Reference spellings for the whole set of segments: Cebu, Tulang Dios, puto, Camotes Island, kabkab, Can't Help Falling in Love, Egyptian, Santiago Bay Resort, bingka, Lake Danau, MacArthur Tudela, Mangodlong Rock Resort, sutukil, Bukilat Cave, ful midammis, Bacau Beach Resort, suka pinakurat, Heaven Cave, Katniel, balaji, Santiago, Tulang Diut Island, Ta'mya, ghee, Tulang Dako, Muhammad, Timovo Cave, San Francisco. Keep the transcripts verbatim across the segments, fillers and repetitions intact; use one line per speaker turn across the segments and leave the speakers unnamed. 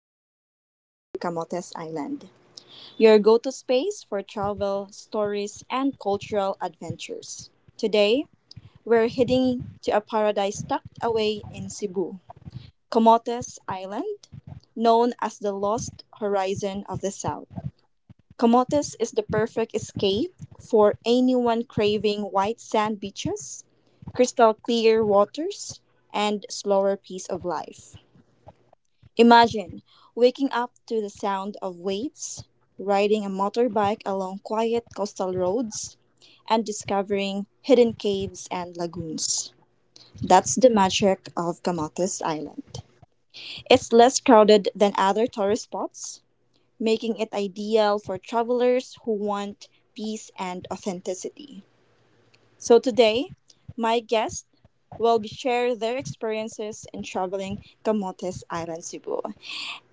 to a journey to Camotes Island, your go to space for travel, stories, and cultural adventures. Today, we're heading to a paradise tucked away in Cebu, Camotes Island, known as the Lost Horizon of the South. Camotes is the perfect escape for anyone craving white sand beaches, crystal clear waters, and slower pace of life. Imagine waking up to the sound of waves, riding a motorbike along quiet coastal roads, and discovering hidden caves and lagoons. That's the magic of Kamatis Island. It's less crowded than other tourist spots, making it ideal for travelers who want peace and authenticity. So today, my guests will be share their experiences in traveling Camotes Island, Cebu.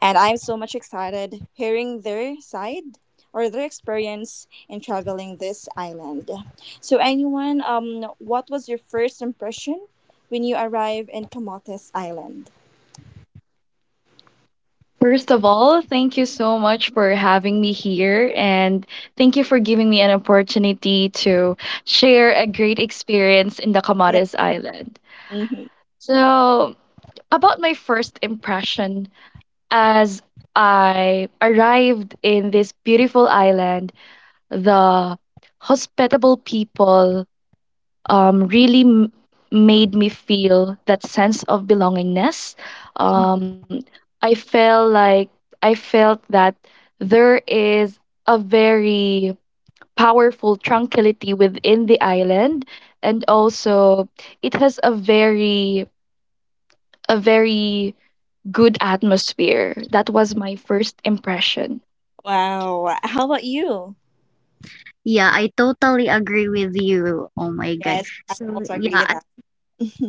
And I'm so much excited hearing their side or their experience in traveling this island. So, anyone, um, what was your first impression when you arrived in Camotes Island?
First of all, thank you so much for having me here and thank you for giving me an opportunity to share a great experience in the
Yeah.
Comoros Island.
hmm
So, about my first impression as I arrived in this beautiful island, the hospitable people um, really m- made me feel that sense of belongingness. Um, I felt like I felt that there is a very powerful tranquility within the island, and also it has a very a very good atmosphere. That was my first impression.
Wow. How about you?
Yeah, I totally agree with you. Oh my god.
Yes, I
So
also agree
yeah,
with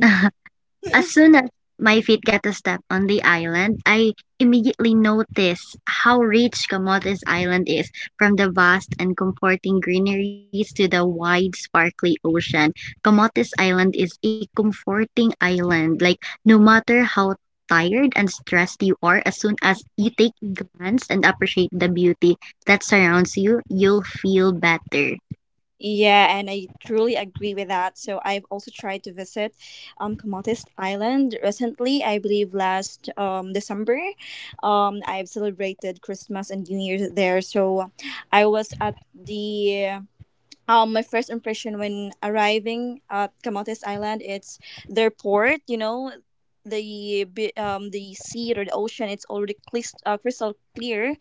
as, as
that.
soon as my feet got a step on the island, I immediately noticed how rich Camotes Island is. From the vast and comforting greeneries to the wide, sparkly ocean, Camotes Island is a comforting island. Like no matter how tired and stressed you are, as soon as you take a glance and appreciate the beauty that surrounds you, you'll feel better.
Yeah, and I truly agree with that. So I've also tried to visit um Comotes Island recently. I believe last um December, um I've celebrated Christmas and New Year's there. So I was at the um my first impression when arriving at Comotes Island. It's their port. You know, the bi- um the sea or the ocean. It's already clis- uh, crystal clear,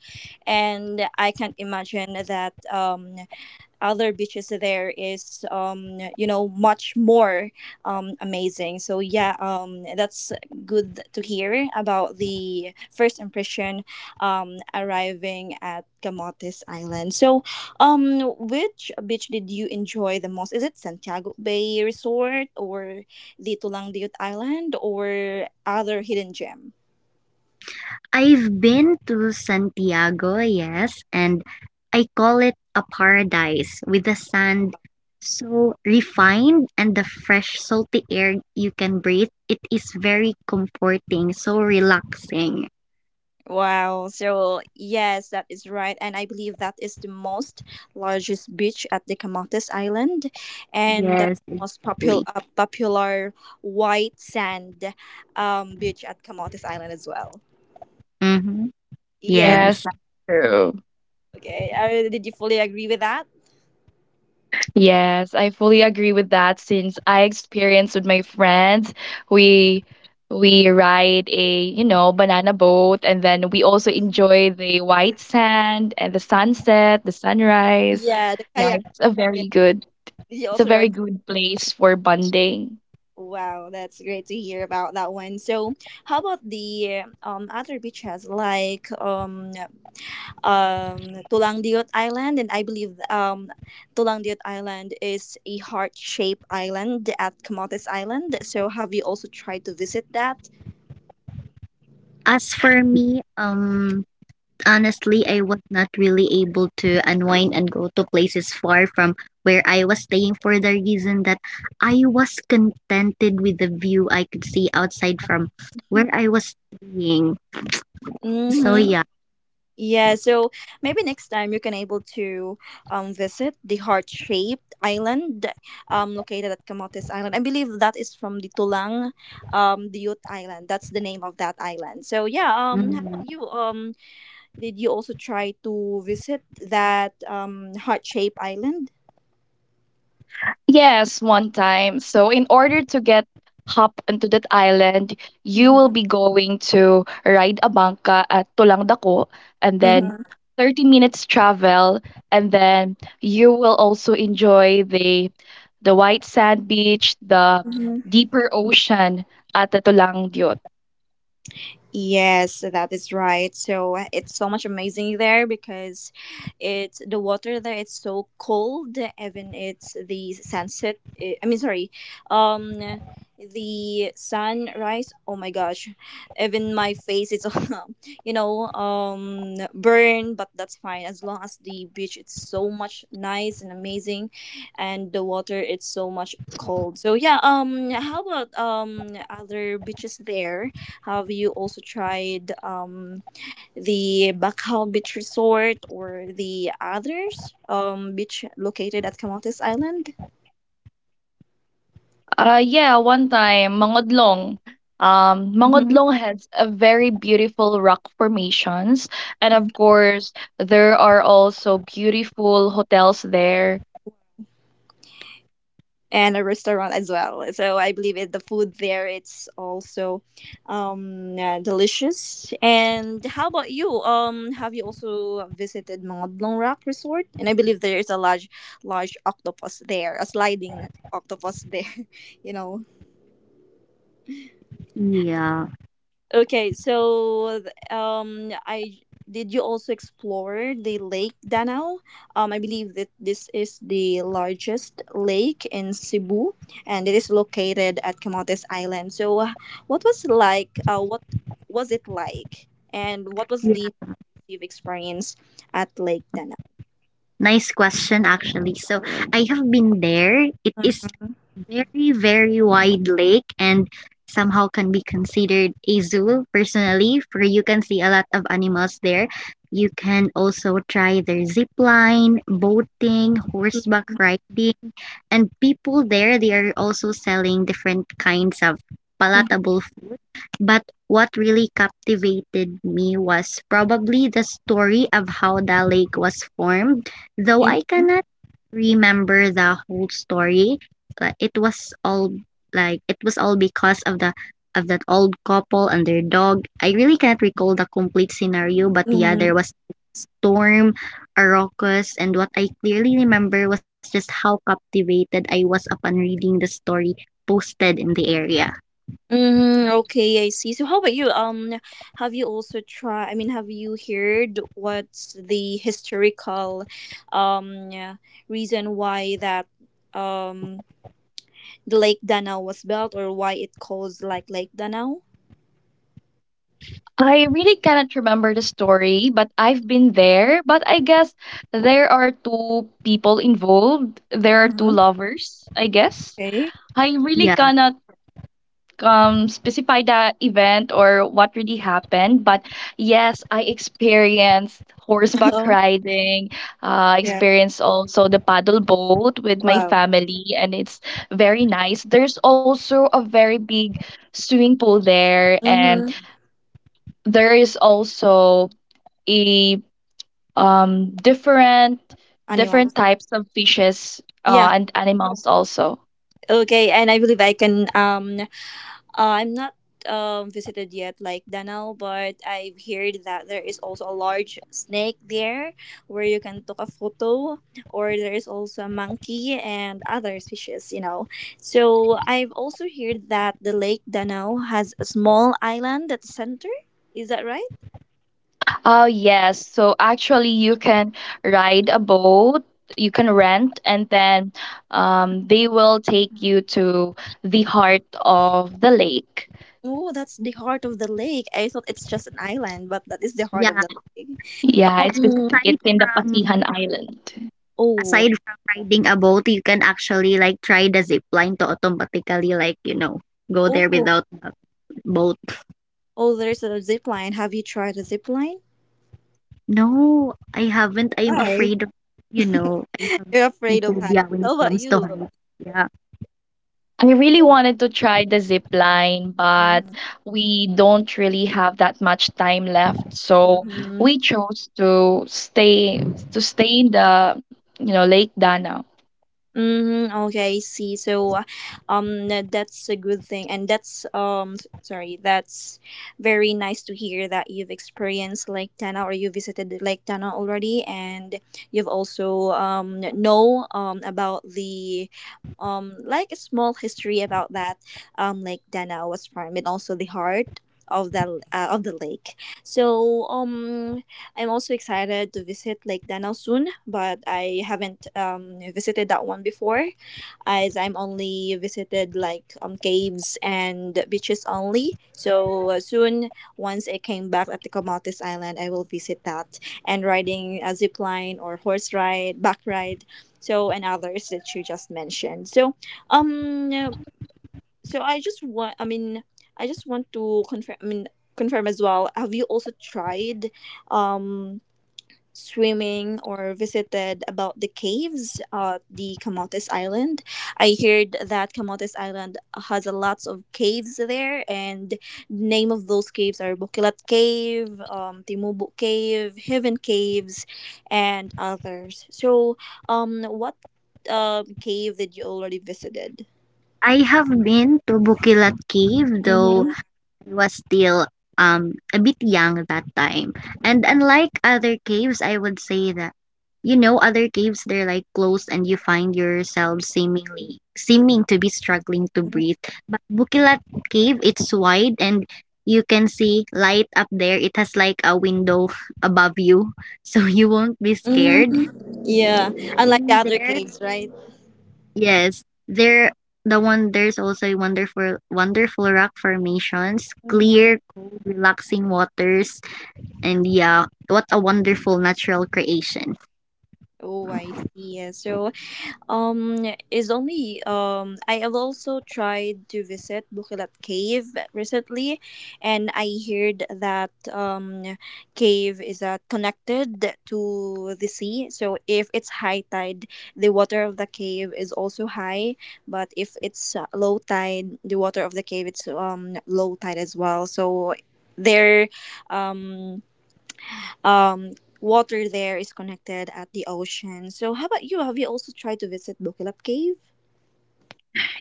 and I can't imagine that um other beaches there is um you know much more um amazing. So yeah, um that's good to hear about the first impression um arriving at Camotes Island. So um which beach did you enjoy the most? Is it Santiago Bay Resort or the Tulang Diut Island or other hidden gem?
I've been to Santiago, yes, and I call it a paradise with the sand so refined and the fresh salty air you can breathe. It is very comforting, so relaxing.
Wow. So, yes, that is right. And I believe that is the most largest beach at the Camotes Island. And that's
Yes,
the most popular,
exactly.
uh, popular white sand um, beach at Camotes Island as well.
Mm-hmm.
Yes.
Yes,
Yes.
that's true.
Okay. Uh, did you fully agree with that?
Yes, I fully agree with that since I experienced with my friends. We we ride a, you know, banana boat and then we also enjoy the white sand and the sunset, the sunrise.
Yeah. The
Yeah,
kayak.
it's a
Yeah.
very good
Did you
it's a
also
very
ride that?
good place for bonding.
Wow. That's great to hear about that one. So, how about the um, other beaches like um, um, Tulangdiot Island? And I believe um, Tulangdiot Island is a heart-shaped island at Camotes Island. So, have you also tried to visit that?
As for me, um honestly, I was not really able to unwind and go to places far from where I was staying for the reason that I was contented with the view I could see outside from where I was staying. So
Mm-hmm.
yeah.
Yeah, so maybe next time you can able to um, visit the heart-shaped island um, located at Camotes Island. I believe that is from the Tulang, um, the Youth Island. That's the name of that island. So yeah, um, how about
Mm,
you? Um, did you also try to visit that um, heart-shaped island?
Yes, one time. So, in order to get hop into that island, you
Mm-hmm.
will be going to ride a bangka at Tulang Dako, and then
Mm-hmm.
thirty minutes travel, and then you will also enjoy the the white sand beach, the deeper ocean at the Tulang Dios.
Yes, that is right. So it's so much amazing there because it's the water there. It's so cold. Even it's the sunset. eh, I mean, sorry, um, the sunrise. Oh my gosh, even my face is, you know, um, burned. But that's fine as long as the beach it's so much nice and amazing, and the water it's so much cold. So yeah, um, how about um other beaches there? Have you also tried um, the Bacau Beach Resort or the others um, beach located at Camotes Island?
Uh, yeah, one time, Mangodlong. Um,
hmm
Mangodlong has a very beautiful rock formations, and of course, there are also beautiful hotels there.
and a restaurant as well. So I believe it, the food there it's also um, uh, delicious. And how about you? Um, have you also visited Mangodlong Rock Resort? And I believe there is a large, large octopus there, a sliding octopus there. You know.
yeah.
Okay, so th- um, I did you also explore the Lake Danau? Um, I believe that this is the largest lake in Cebu, and it is located at Camotes Island. So, uh, what was it like? Uh, what was it like? And what was
Yeah.
the you've experienced at Lake Danau?
Nice question actually. So I have been there. It is
Mm-hmm.
very, very wide lake and somehow can be considered a zoo personally, for you can see a lot of animals there. You can also try their zip line, boating, horseback riding, and people there they are also selling different kinds of palatable but what really captivated me was probably the story of how the lake was formed, though I
Mm-hmm.
cannot remember the whole story. Like it was all like it was all because of the of that old couple and their dog. I really can't recall the complete scenario, but yeah,
Mm-hmm.
there was storm, a ruckus, and what I clearly remember was just how captivated I was upon reading the story posted in the area.
Mm, okay, I see. So how about you? Um, have you also tried, I mean, have you heard what's the historical um yeah, reason why that um the Lake Danau was built or why it calls like Lake Danau?
I really cannot remember the story, but I've been there. But I guess there are two people involved. There are two
Mm-hmm.
lovers, I guess.
Okay.
I really
Yeah.
cannot um specify the event or what really happened, but yes, I experienced horseback
Oh,
riding. uh, I
yeah.
experienced also the paddle boat with my
Wow.
family, and it's very nice. There's also a very big swimming pool there, and
Mm-hmm.
there is also a um different different
Animals.
types of fishes,
Yeah.
uh, and animals also.
Okay, and I believe I can um Uh, I'm not um, visited yet, like Danau, but I've heard that there is also a large snake there where you can take a photo, or there is also a monkey and other species, you know. So I've also heard that the Lake Danau has a small island at the center. Is that right?
Oh, yes. So actually, you can ride a boat, you can rent, and then um, they will take
Mhm.
you to the heart of the lake.
Oh, that's the heart of the lake. I thought it's just an island, but that is the heart of
Yeah,
the lake.
Yeah, it's
and
bet-
Um.
aside
it's in the
from
Pasihan Island.
Oh.
aside from riding a boat, you can actually, like, try the zip line to automatically, like, you know, go there
Oh.
without a boat.
Oh. There's a zip line. Have you tried a zip line?
No, I haven't. I am
Why?
afraid of, you know, I have
You're afraid of heights.
phobia when it
How about
comes to
you?
heights. Yeah.
I really wanted to try the zip line, but
Mm-hmm.
we don't really have that much time left. So
Mm-hmm.
we chose to stay to stay in the, you know, Lake Danau.
Mm-hmm. Okay, I see. So, uh, um, tha- that's a good thing, and that's um, s- sorry, that's very nice to hear that you've experienced Lake Tana or you visited Lake Tana already, and you've also um know um about the um like a small history about that um Lake Tana was formed and also the heart of the uh, of the lake. So um I'm also excited to visit Lake Danau soon, but I haven't um, visited that one before, as I'm only visited like um, caves and beaches only. So uh, soon, once I came back at the Comatis Island, I will visit that and riding a zip line or horse ride, back ride, so and others that you just mentioned. So um, so I just want, I mean, I just want to confirm. I mean, confirm as well. Have you also tried um swimming or visited about the caves at the Camotes Island? I heard that Camotes Island has a lots of caves there, and name of those caves are Bukilat Cave, um, Timubu Cave, Heaven Caves, and others. So, um, what um cave did you already visited?
I have been to Bukilat Cave, though
Mm-hmm.
I was still um a bit young that time. And unlike other caves, I would say that you know other caves they're like closed and you find yourself seemingly seeming to be struggling to breathe. But Bukilat cave it's wide and you can see light up there. It has like a window above you, so you won't be
hmm
scared.
Yeah, unlike the
And
other
there
caves, right?
Yes, there the one there's also a wonderful wonderful rock formations,
Mm-hmm.
clear, cool, relaxing waters, and yeah, what a wonderful natural creation.
Oh, I see. Yeah. So um is only um I have also tried to visit Bukilat Cave recently, and I heard that um cave is uh, connected to the sea. So if it's high tide, the water of the cave is also high, but if it's uh, low tide, the water of the cave it's um low tide as well. So there um um water there is connected at the ocean. So how about you? Have you also tried to visit Bukilap Cave?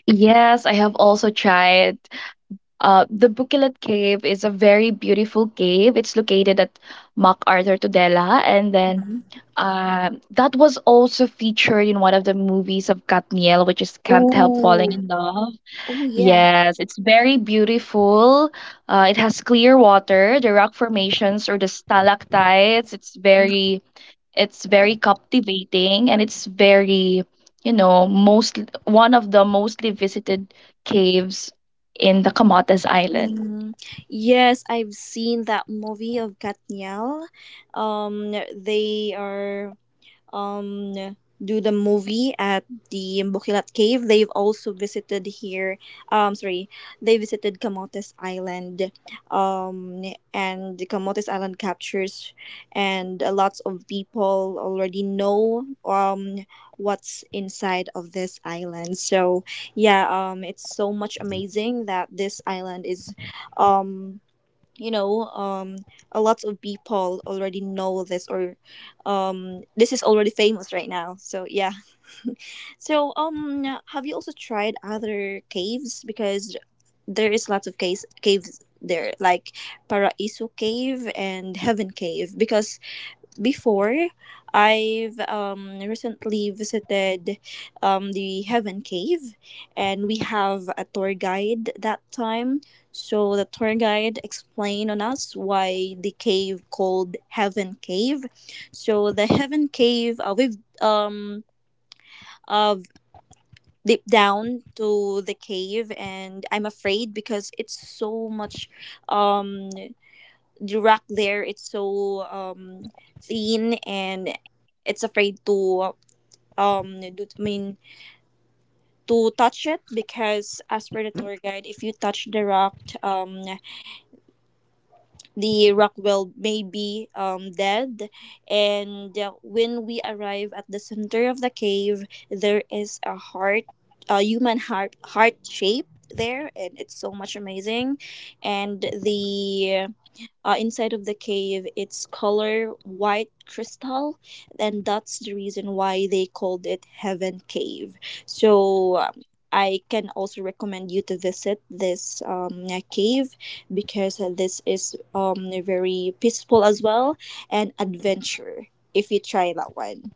Yes, I have also tried. Uh, the Bukilat Cave is a very beautiful cave. It's located at MacArthur Tudela, and then um, that was also featured in one of the movies of Katniel, which is Can't Help Falling
Oh,
in Love.
oh yeah.
Yes, it's very beautiful. Uh, it has clear water, the rock formations or the stalactites. It's very it's very captivating, and it's very, you know, most one of the mostly visited caves in the Camotes Island.
Mhm. Yes, I've seen that movie of Katniel. Um, they are um, do the movie at the Bukilat Cave. They've also visited here. Um, sorry, they visited Camotes Island. Um, and Camotes Island captures, and uh, lots of people already know um what's inside of this island. So yeah, um, it's so much amazing that this island is, um you know um a lot of people already know this or um this is already famous right now. So yeah, so um have you also tried other caves? Because there is lots of caves caves there like Paraiso Cave and Heaven Cave. Because before, I've um, recently visited um, the Heaven Cave, and we have a tour guide that time. So the tour guide explained on us why the cave called Heaven Cave. So the Heaven Cave, uh, we've um, uh, deep down to the cave, and I'm afraid because it's so much um the rock there it's so um thin, and it's afraid to um do, I mean to touch it, because as per the tour guide if you touch the rock, um the rock will may be um dead. And uh, when we arrive at the center of the cave, there is a heart, a human heart heart shape there, and it's so much amazing. And the uh, inside of the cave. It's color white crystal, and that's the reason why they called it Heaven Cave. So um, I can also recommend you to visit this um, uh, cave, because uh, this is um, very peaceful as well and adventure if you try that one.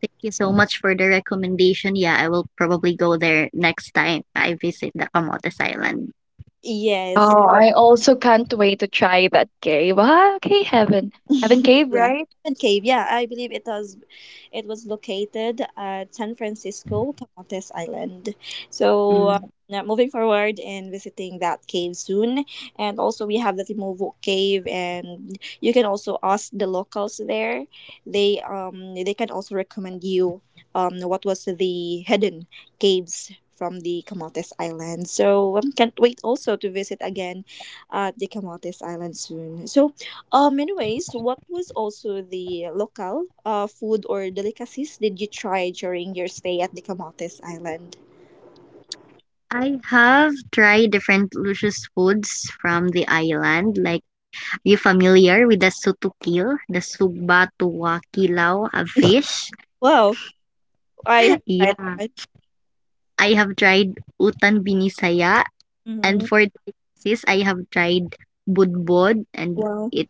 Thank you so much for the recommendation. Yeah, I will probably go there next time I visit the Camotes Island.
Yes.
Oh, I also can't wait to try that cave. Ah, okay, heaven. Heaven Cave,
yeah.
right?
Diamond Cave, yeah, I believe it was it was located at San Francisco, Camotes Island. So uh,
Mm.
now moving forward and visiting that cave soon. And also we have the Timovo Cave, and you can also ask the locals there. They um they can also recommend you um what was the hidden caves from the Camotes Island. So um, can't wait also to visit again at the Camotes Island soon. So um, anyways, what was also the local uh, food or delicacies did you try during your stay at the Camotes Island?
I have tried different luscious foods from the island. Like, are you familiar with the sutukil, the suba tuwa kilaw of fish?
Wow, I have tried
Yeah.
that
I have tried utan binisaya,
one.
and
Mm-hmm.
for this, I have tried budbod, and
Wow.
it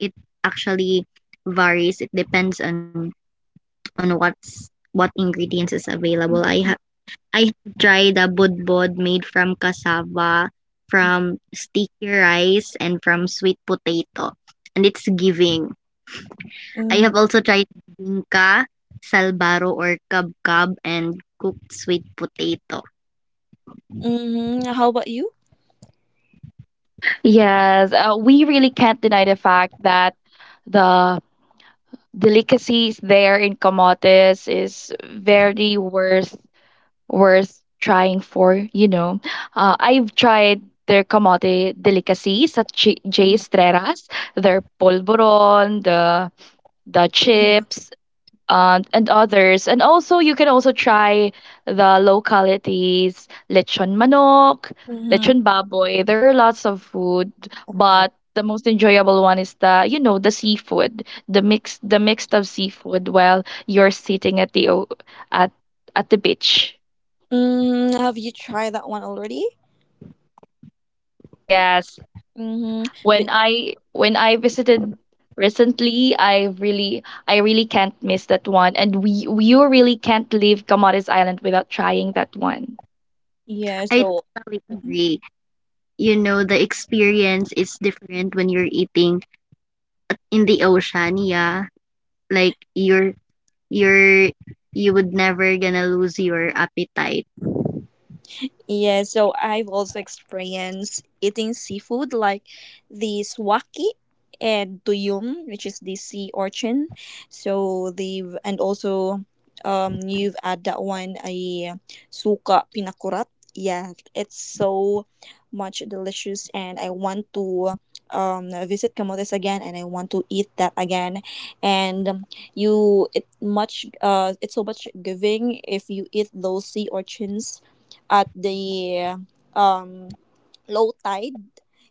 it actually varies. It depends on on what's what ingredients is available. I have I have tried a budbod made from cassava, from sticky rice, and from sweet potato. And it's giving. I have
Mm-hmm.
also tried bingka, salbaro, or kabkab, and cooked sweet potato.
Mm-hmm. How about you?
Yes, uh, we really can't deny the fact that the delicacies there in Camotes is very worth worth trying for, you know. Uh, I've tried their camote delicacies at J. J. Estreras, their polvoron, the the chips, um, and others. And also, you can also try the localities, lechon manok,
Mm-hmm.
lechon baboy. There are lots of food, but the most enjoyable one is the, you know, the seafood, the mix the mixed of seafood while you're sitting at the o- at at the beach.
Mm, have you tried that one already?
Yes.
Mm-hmm.
When
But,
I when I visited recently, I really I really can't miss that one. And we you really can't leave Camotes Island without trying that one.
yeah,
I
so.
totally agree. You know, the experience is different when you're eating in the ocean, yeah. Like you're you're you would never gonna lose your appetite.
Yeah, so I've also experienced eating seafood like the swaki and tuyum, which is the sea urchin. So the and also um you've had that one a suka pinakurat. Yeah, it's so much delicious and I want to um visit Camotes again and I want to eat that again. And um, you it much uh it's so much giving if you eat those sea urchins at the um, low tide,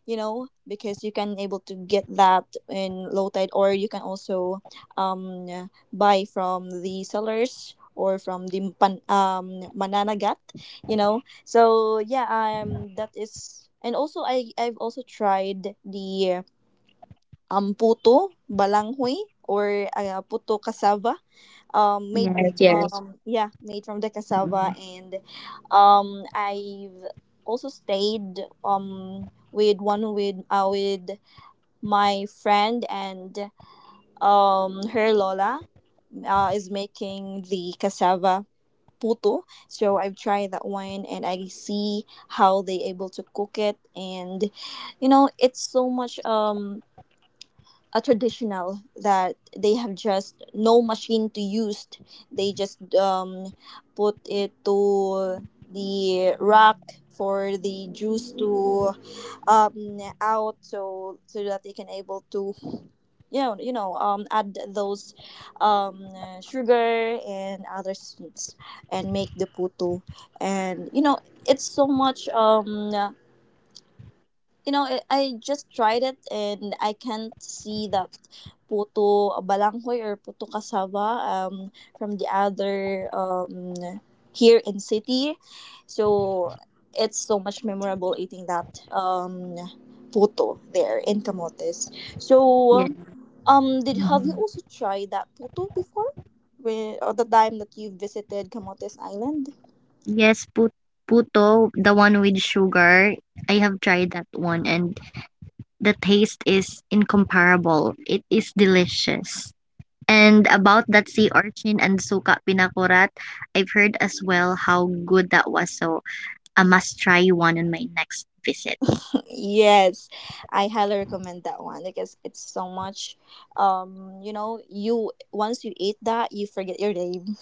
you know, because you can able to get that in low tide, or you can also um, buy from the sellers or from the pan, um, mananagat, you know. So yeah um that is. And also i i've also tried the um puto balanghoy or uh, puto cassava, um made
Yeah.
Yes, yes.
um yeah, made from the cassava.
Mm,
And um i've also stayed um with one with uh, with my friend, and um her lola uh, is making the cassava puto. So I've tried that one and I see how they able to cook it. And you know, it's so much um a traditional that they have, just no machine to use. They just um, put it to the rack for the juice to um, out, so so that they can able to, you know, you know um, add those um, uh, sugar and other sweets and make the puto. And you know, it's so much um, you know, I, I just tried it, and I can't see that puto balanghoy or puto cassava um, from the other, um, here in city. So it's so much memorable eating that um, puto there in Camotes. So
yeah.
um, did have you
Mhm.
also tried that puto before? When, or the time that you visited Camotes Island?
Yes, put puto, the one with sugar. I have tried that one and the taste is incomparable. It is delicious. And about that sea urchin and suka pinakurat, I've heard as well how good that was. So I must try one on my next visit.
Yes, I highly recommend that one because it's so much. Um, you know, you once you eat that, you forget your name.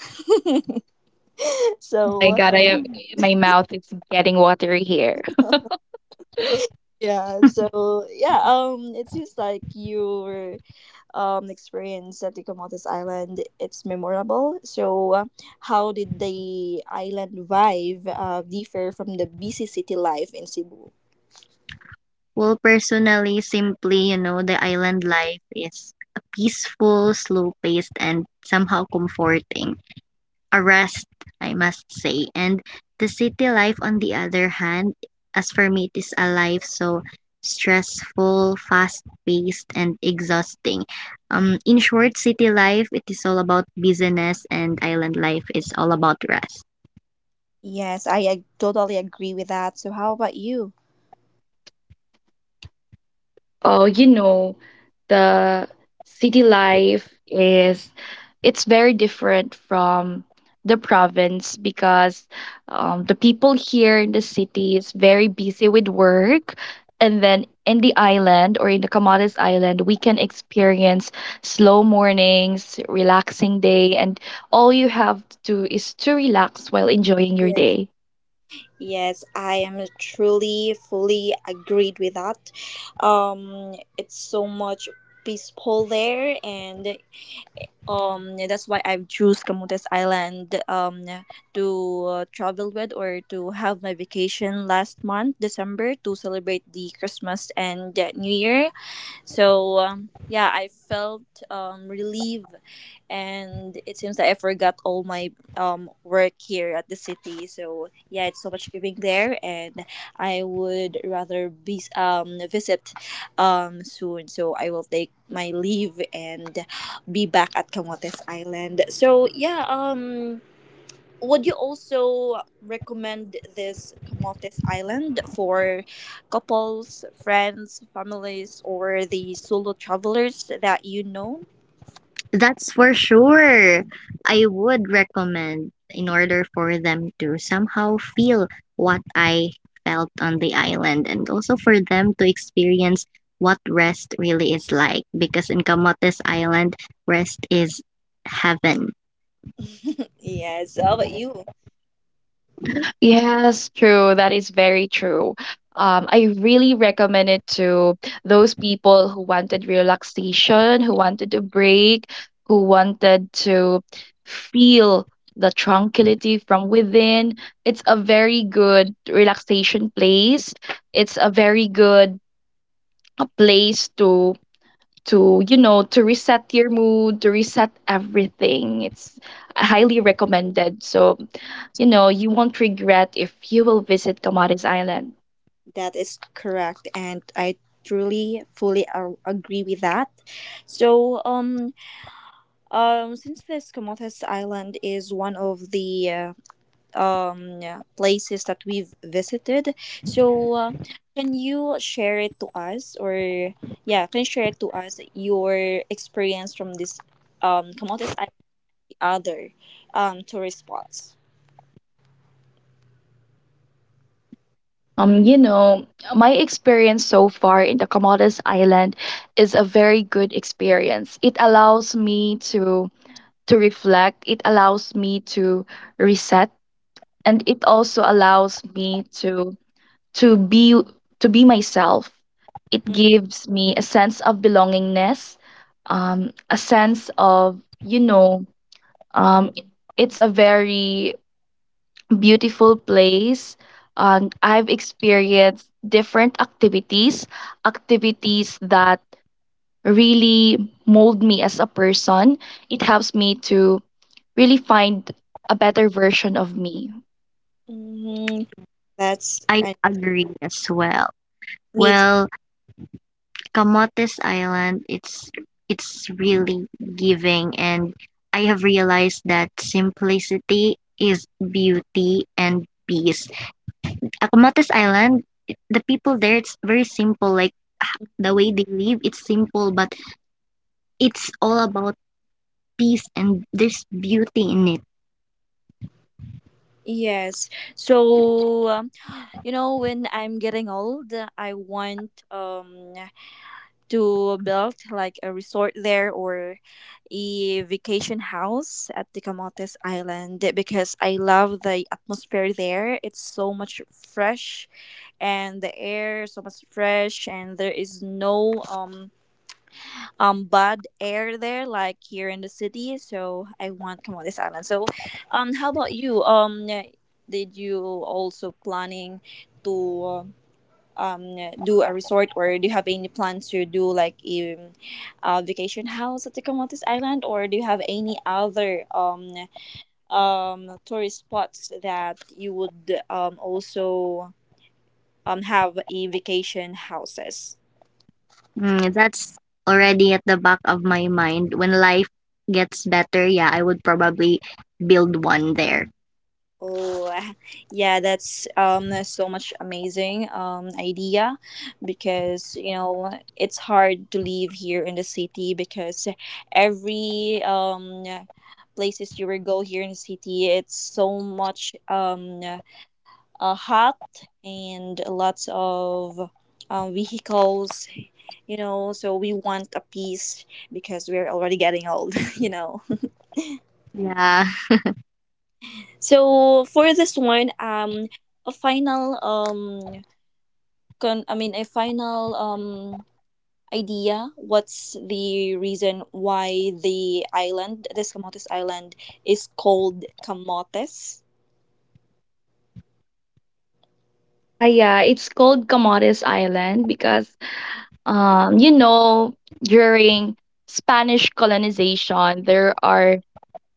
Oh my
so
god, I am my mouth is getting watery here.
yeah, so yeah. Um, it seems like your um experience at the Comotes Island it's memorable. So, uh, how did the island vibe uh, differ from the busy city life in Cebu?
Well, personally, simply, you know, the island life is a peaceful, slow paced, and somehow comforting. Arrest, I must say. And the city life, on the other hand, as for me, it is a life so stressful, fast paced, and exhausting. Um, in short, city life, it is all about business, and island life is all about rest.
Yes, I, I totally agree with that. So, how about you?
Oh, you know, the city life is, it's very different from the province, because um, the people here in the city is very busy with work, and then in the island or in the commodities island we can experience slow mornings, relaxing day, and all you have to do is to relax while enjoying your day.
Yes, I am truly, fully agreed with that. Um, it's so much peaceful there, and um, that's why I've choose Camotes Island um to uh, travel with, or to have my vacation last month, December, to celebrate the Christmas and uh, New Year. So um, yeah, I felt um, relieved, and it seems that I forgot all my um, work here at the city. So yeah, it's so much giving there, and I would rather be um, visit um, soon. So I will take my leave and be back at Camotes Island. So yeah, um, would you also recommend this Camotes Island for couples, friends, families, or the solo travelers that you know?
That's for sure. I would recommend in order for them to somehow feel what I felt on the island and also for them to experience what rest really is like because in Camotes Island, rest is heaven.
Yes, how about you?
Yes, true. That is very true. Um, I really recommend it to those people who wanted relaxation, who wanted a break, who wanted to feel the tranquility from within. It's a very good relaxation place. It's a very good uh, place to to you know, to reset your mood, to reset everything. It's highly recommended, so you know you won't regret if you will visit Camotes Island.
That is correct, and I truly fully a- agree with that. So, um, um, since this Camotes Island is one of the uh, um places that we've visited, so uh, can you share it to us, or yeah, can you share it to us your experience from this um Camotes and the other um tourist spots?
Um you know, my experience so far in the Camotes Island is a very good experience. It allows me to to reflect, it allows me to reset, and it also allows me to to be to be myself. It gives me a sense of belongingness, um, a sense of, you know, um, it's a very beautiful place. Um, I've experienced different activities, activities that really mold me as a person. It helps me to really find a better version of me.
Mm, that's
I
and
agree as well.
me too.
Well, Camotes Island, it's it's really giving and I have realized that simplicity is beauty and peace Acomates Island, I the people there, it's very simple, like, h the way they live, it's simple, but it's all about peace and there's beauty in it.
Yes. So um, you know, when I'm getting old, I want um to build like a resort there, or a vacation house at the Camotes Island, because I love the atmosphere there. It's so much fresh, and the air is so much fresh, and there is no um um bad air there like here in the city. So I want Camotes Island. So um how about you? Um did you also planning to uh, um, do a resort, or do you have any plans to do like a, a vacation house at the Camotes Island, or do you have any other um, um, tourist spots that you would um, also um, have a vacation houses?
Mm, that's already at the back of my mind. When life gets better, yeah, I would probably build one there.
Oh, yeah, that's um so much amazing um idea, because you know it's hard to live here in the city, because every um places you will go here in the city, it's so much um uh, hot, and lots of um, vehicles, you know. So we want a peace, because we're already getting old. You know,
Yeah.
so for this one, um a final um con- I mean, a final um, idea. What's the reason why the island, this Camotes Island, is called Camotes?
Ah, yeah, it's called Comoros Island because um, you know, during Spanish colonization, there are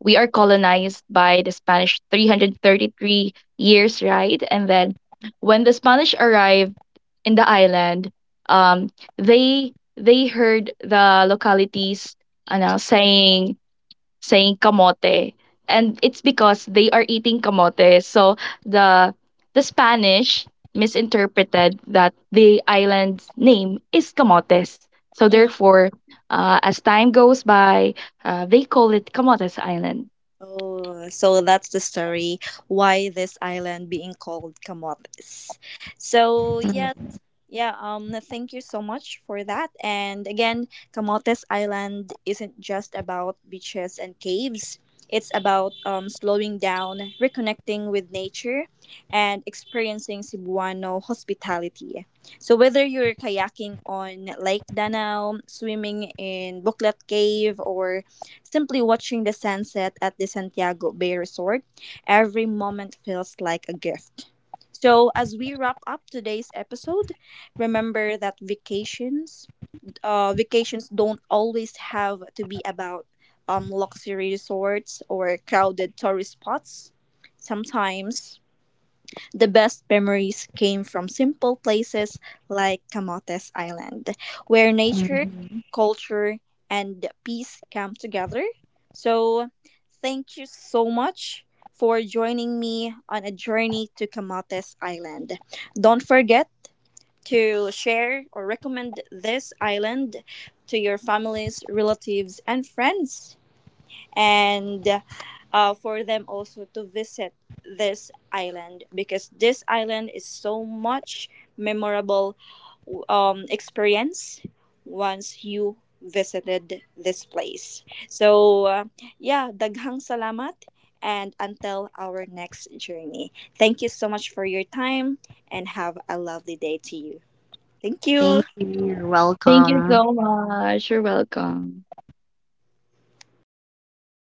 we are colonized by the Spanish three hundred thirty-three years, right? And then when the Spanish arrived in the island, um, they they heard the localities uh, now saying saying camote, and it's because they are eating camote. So the the Spanish misinterpreted that the island's name is camotes, so
Mm.
therefore, uh, as time goes by, uh, they call it Camotes Island.
Oh, so that's the story why this island being called Camotes. So yeah, yeah, um, thank you so much for that. And again, Camotes Island isn't just about beaches and caves. It's about um, slowing down, reconnecting with nature, and experiencing Cebuano hospitality. So, whether you're kayaking on Lake Danau, swimming in Buklat Cave, or simply watching the sunset at the Santiago Bay Resort, every moment feels like a gift. So, as we wrap up today's episode, remember that vacations uh, vacations don't always have to be about um, luxury resorts or crowded tourist spots. Sometimes the best memories came from simple places like Camotes Island, where nature,
Mhm.
culture, and peace come together. So, thank you so much for joining me on a journey to Camotes Island. Don't forget to share or recommend this island to your families, relatives, and friends, and uh, for them also to visit this island, because this island is so much memorable um, experience once you visited this place. So, uh, yeah, daghang salamat, and until our next journey. Thank you so much for your time, and have a lovely day to you. Thank you.
Thank you. You're
Thank you
welcome.
so much. You're welcome.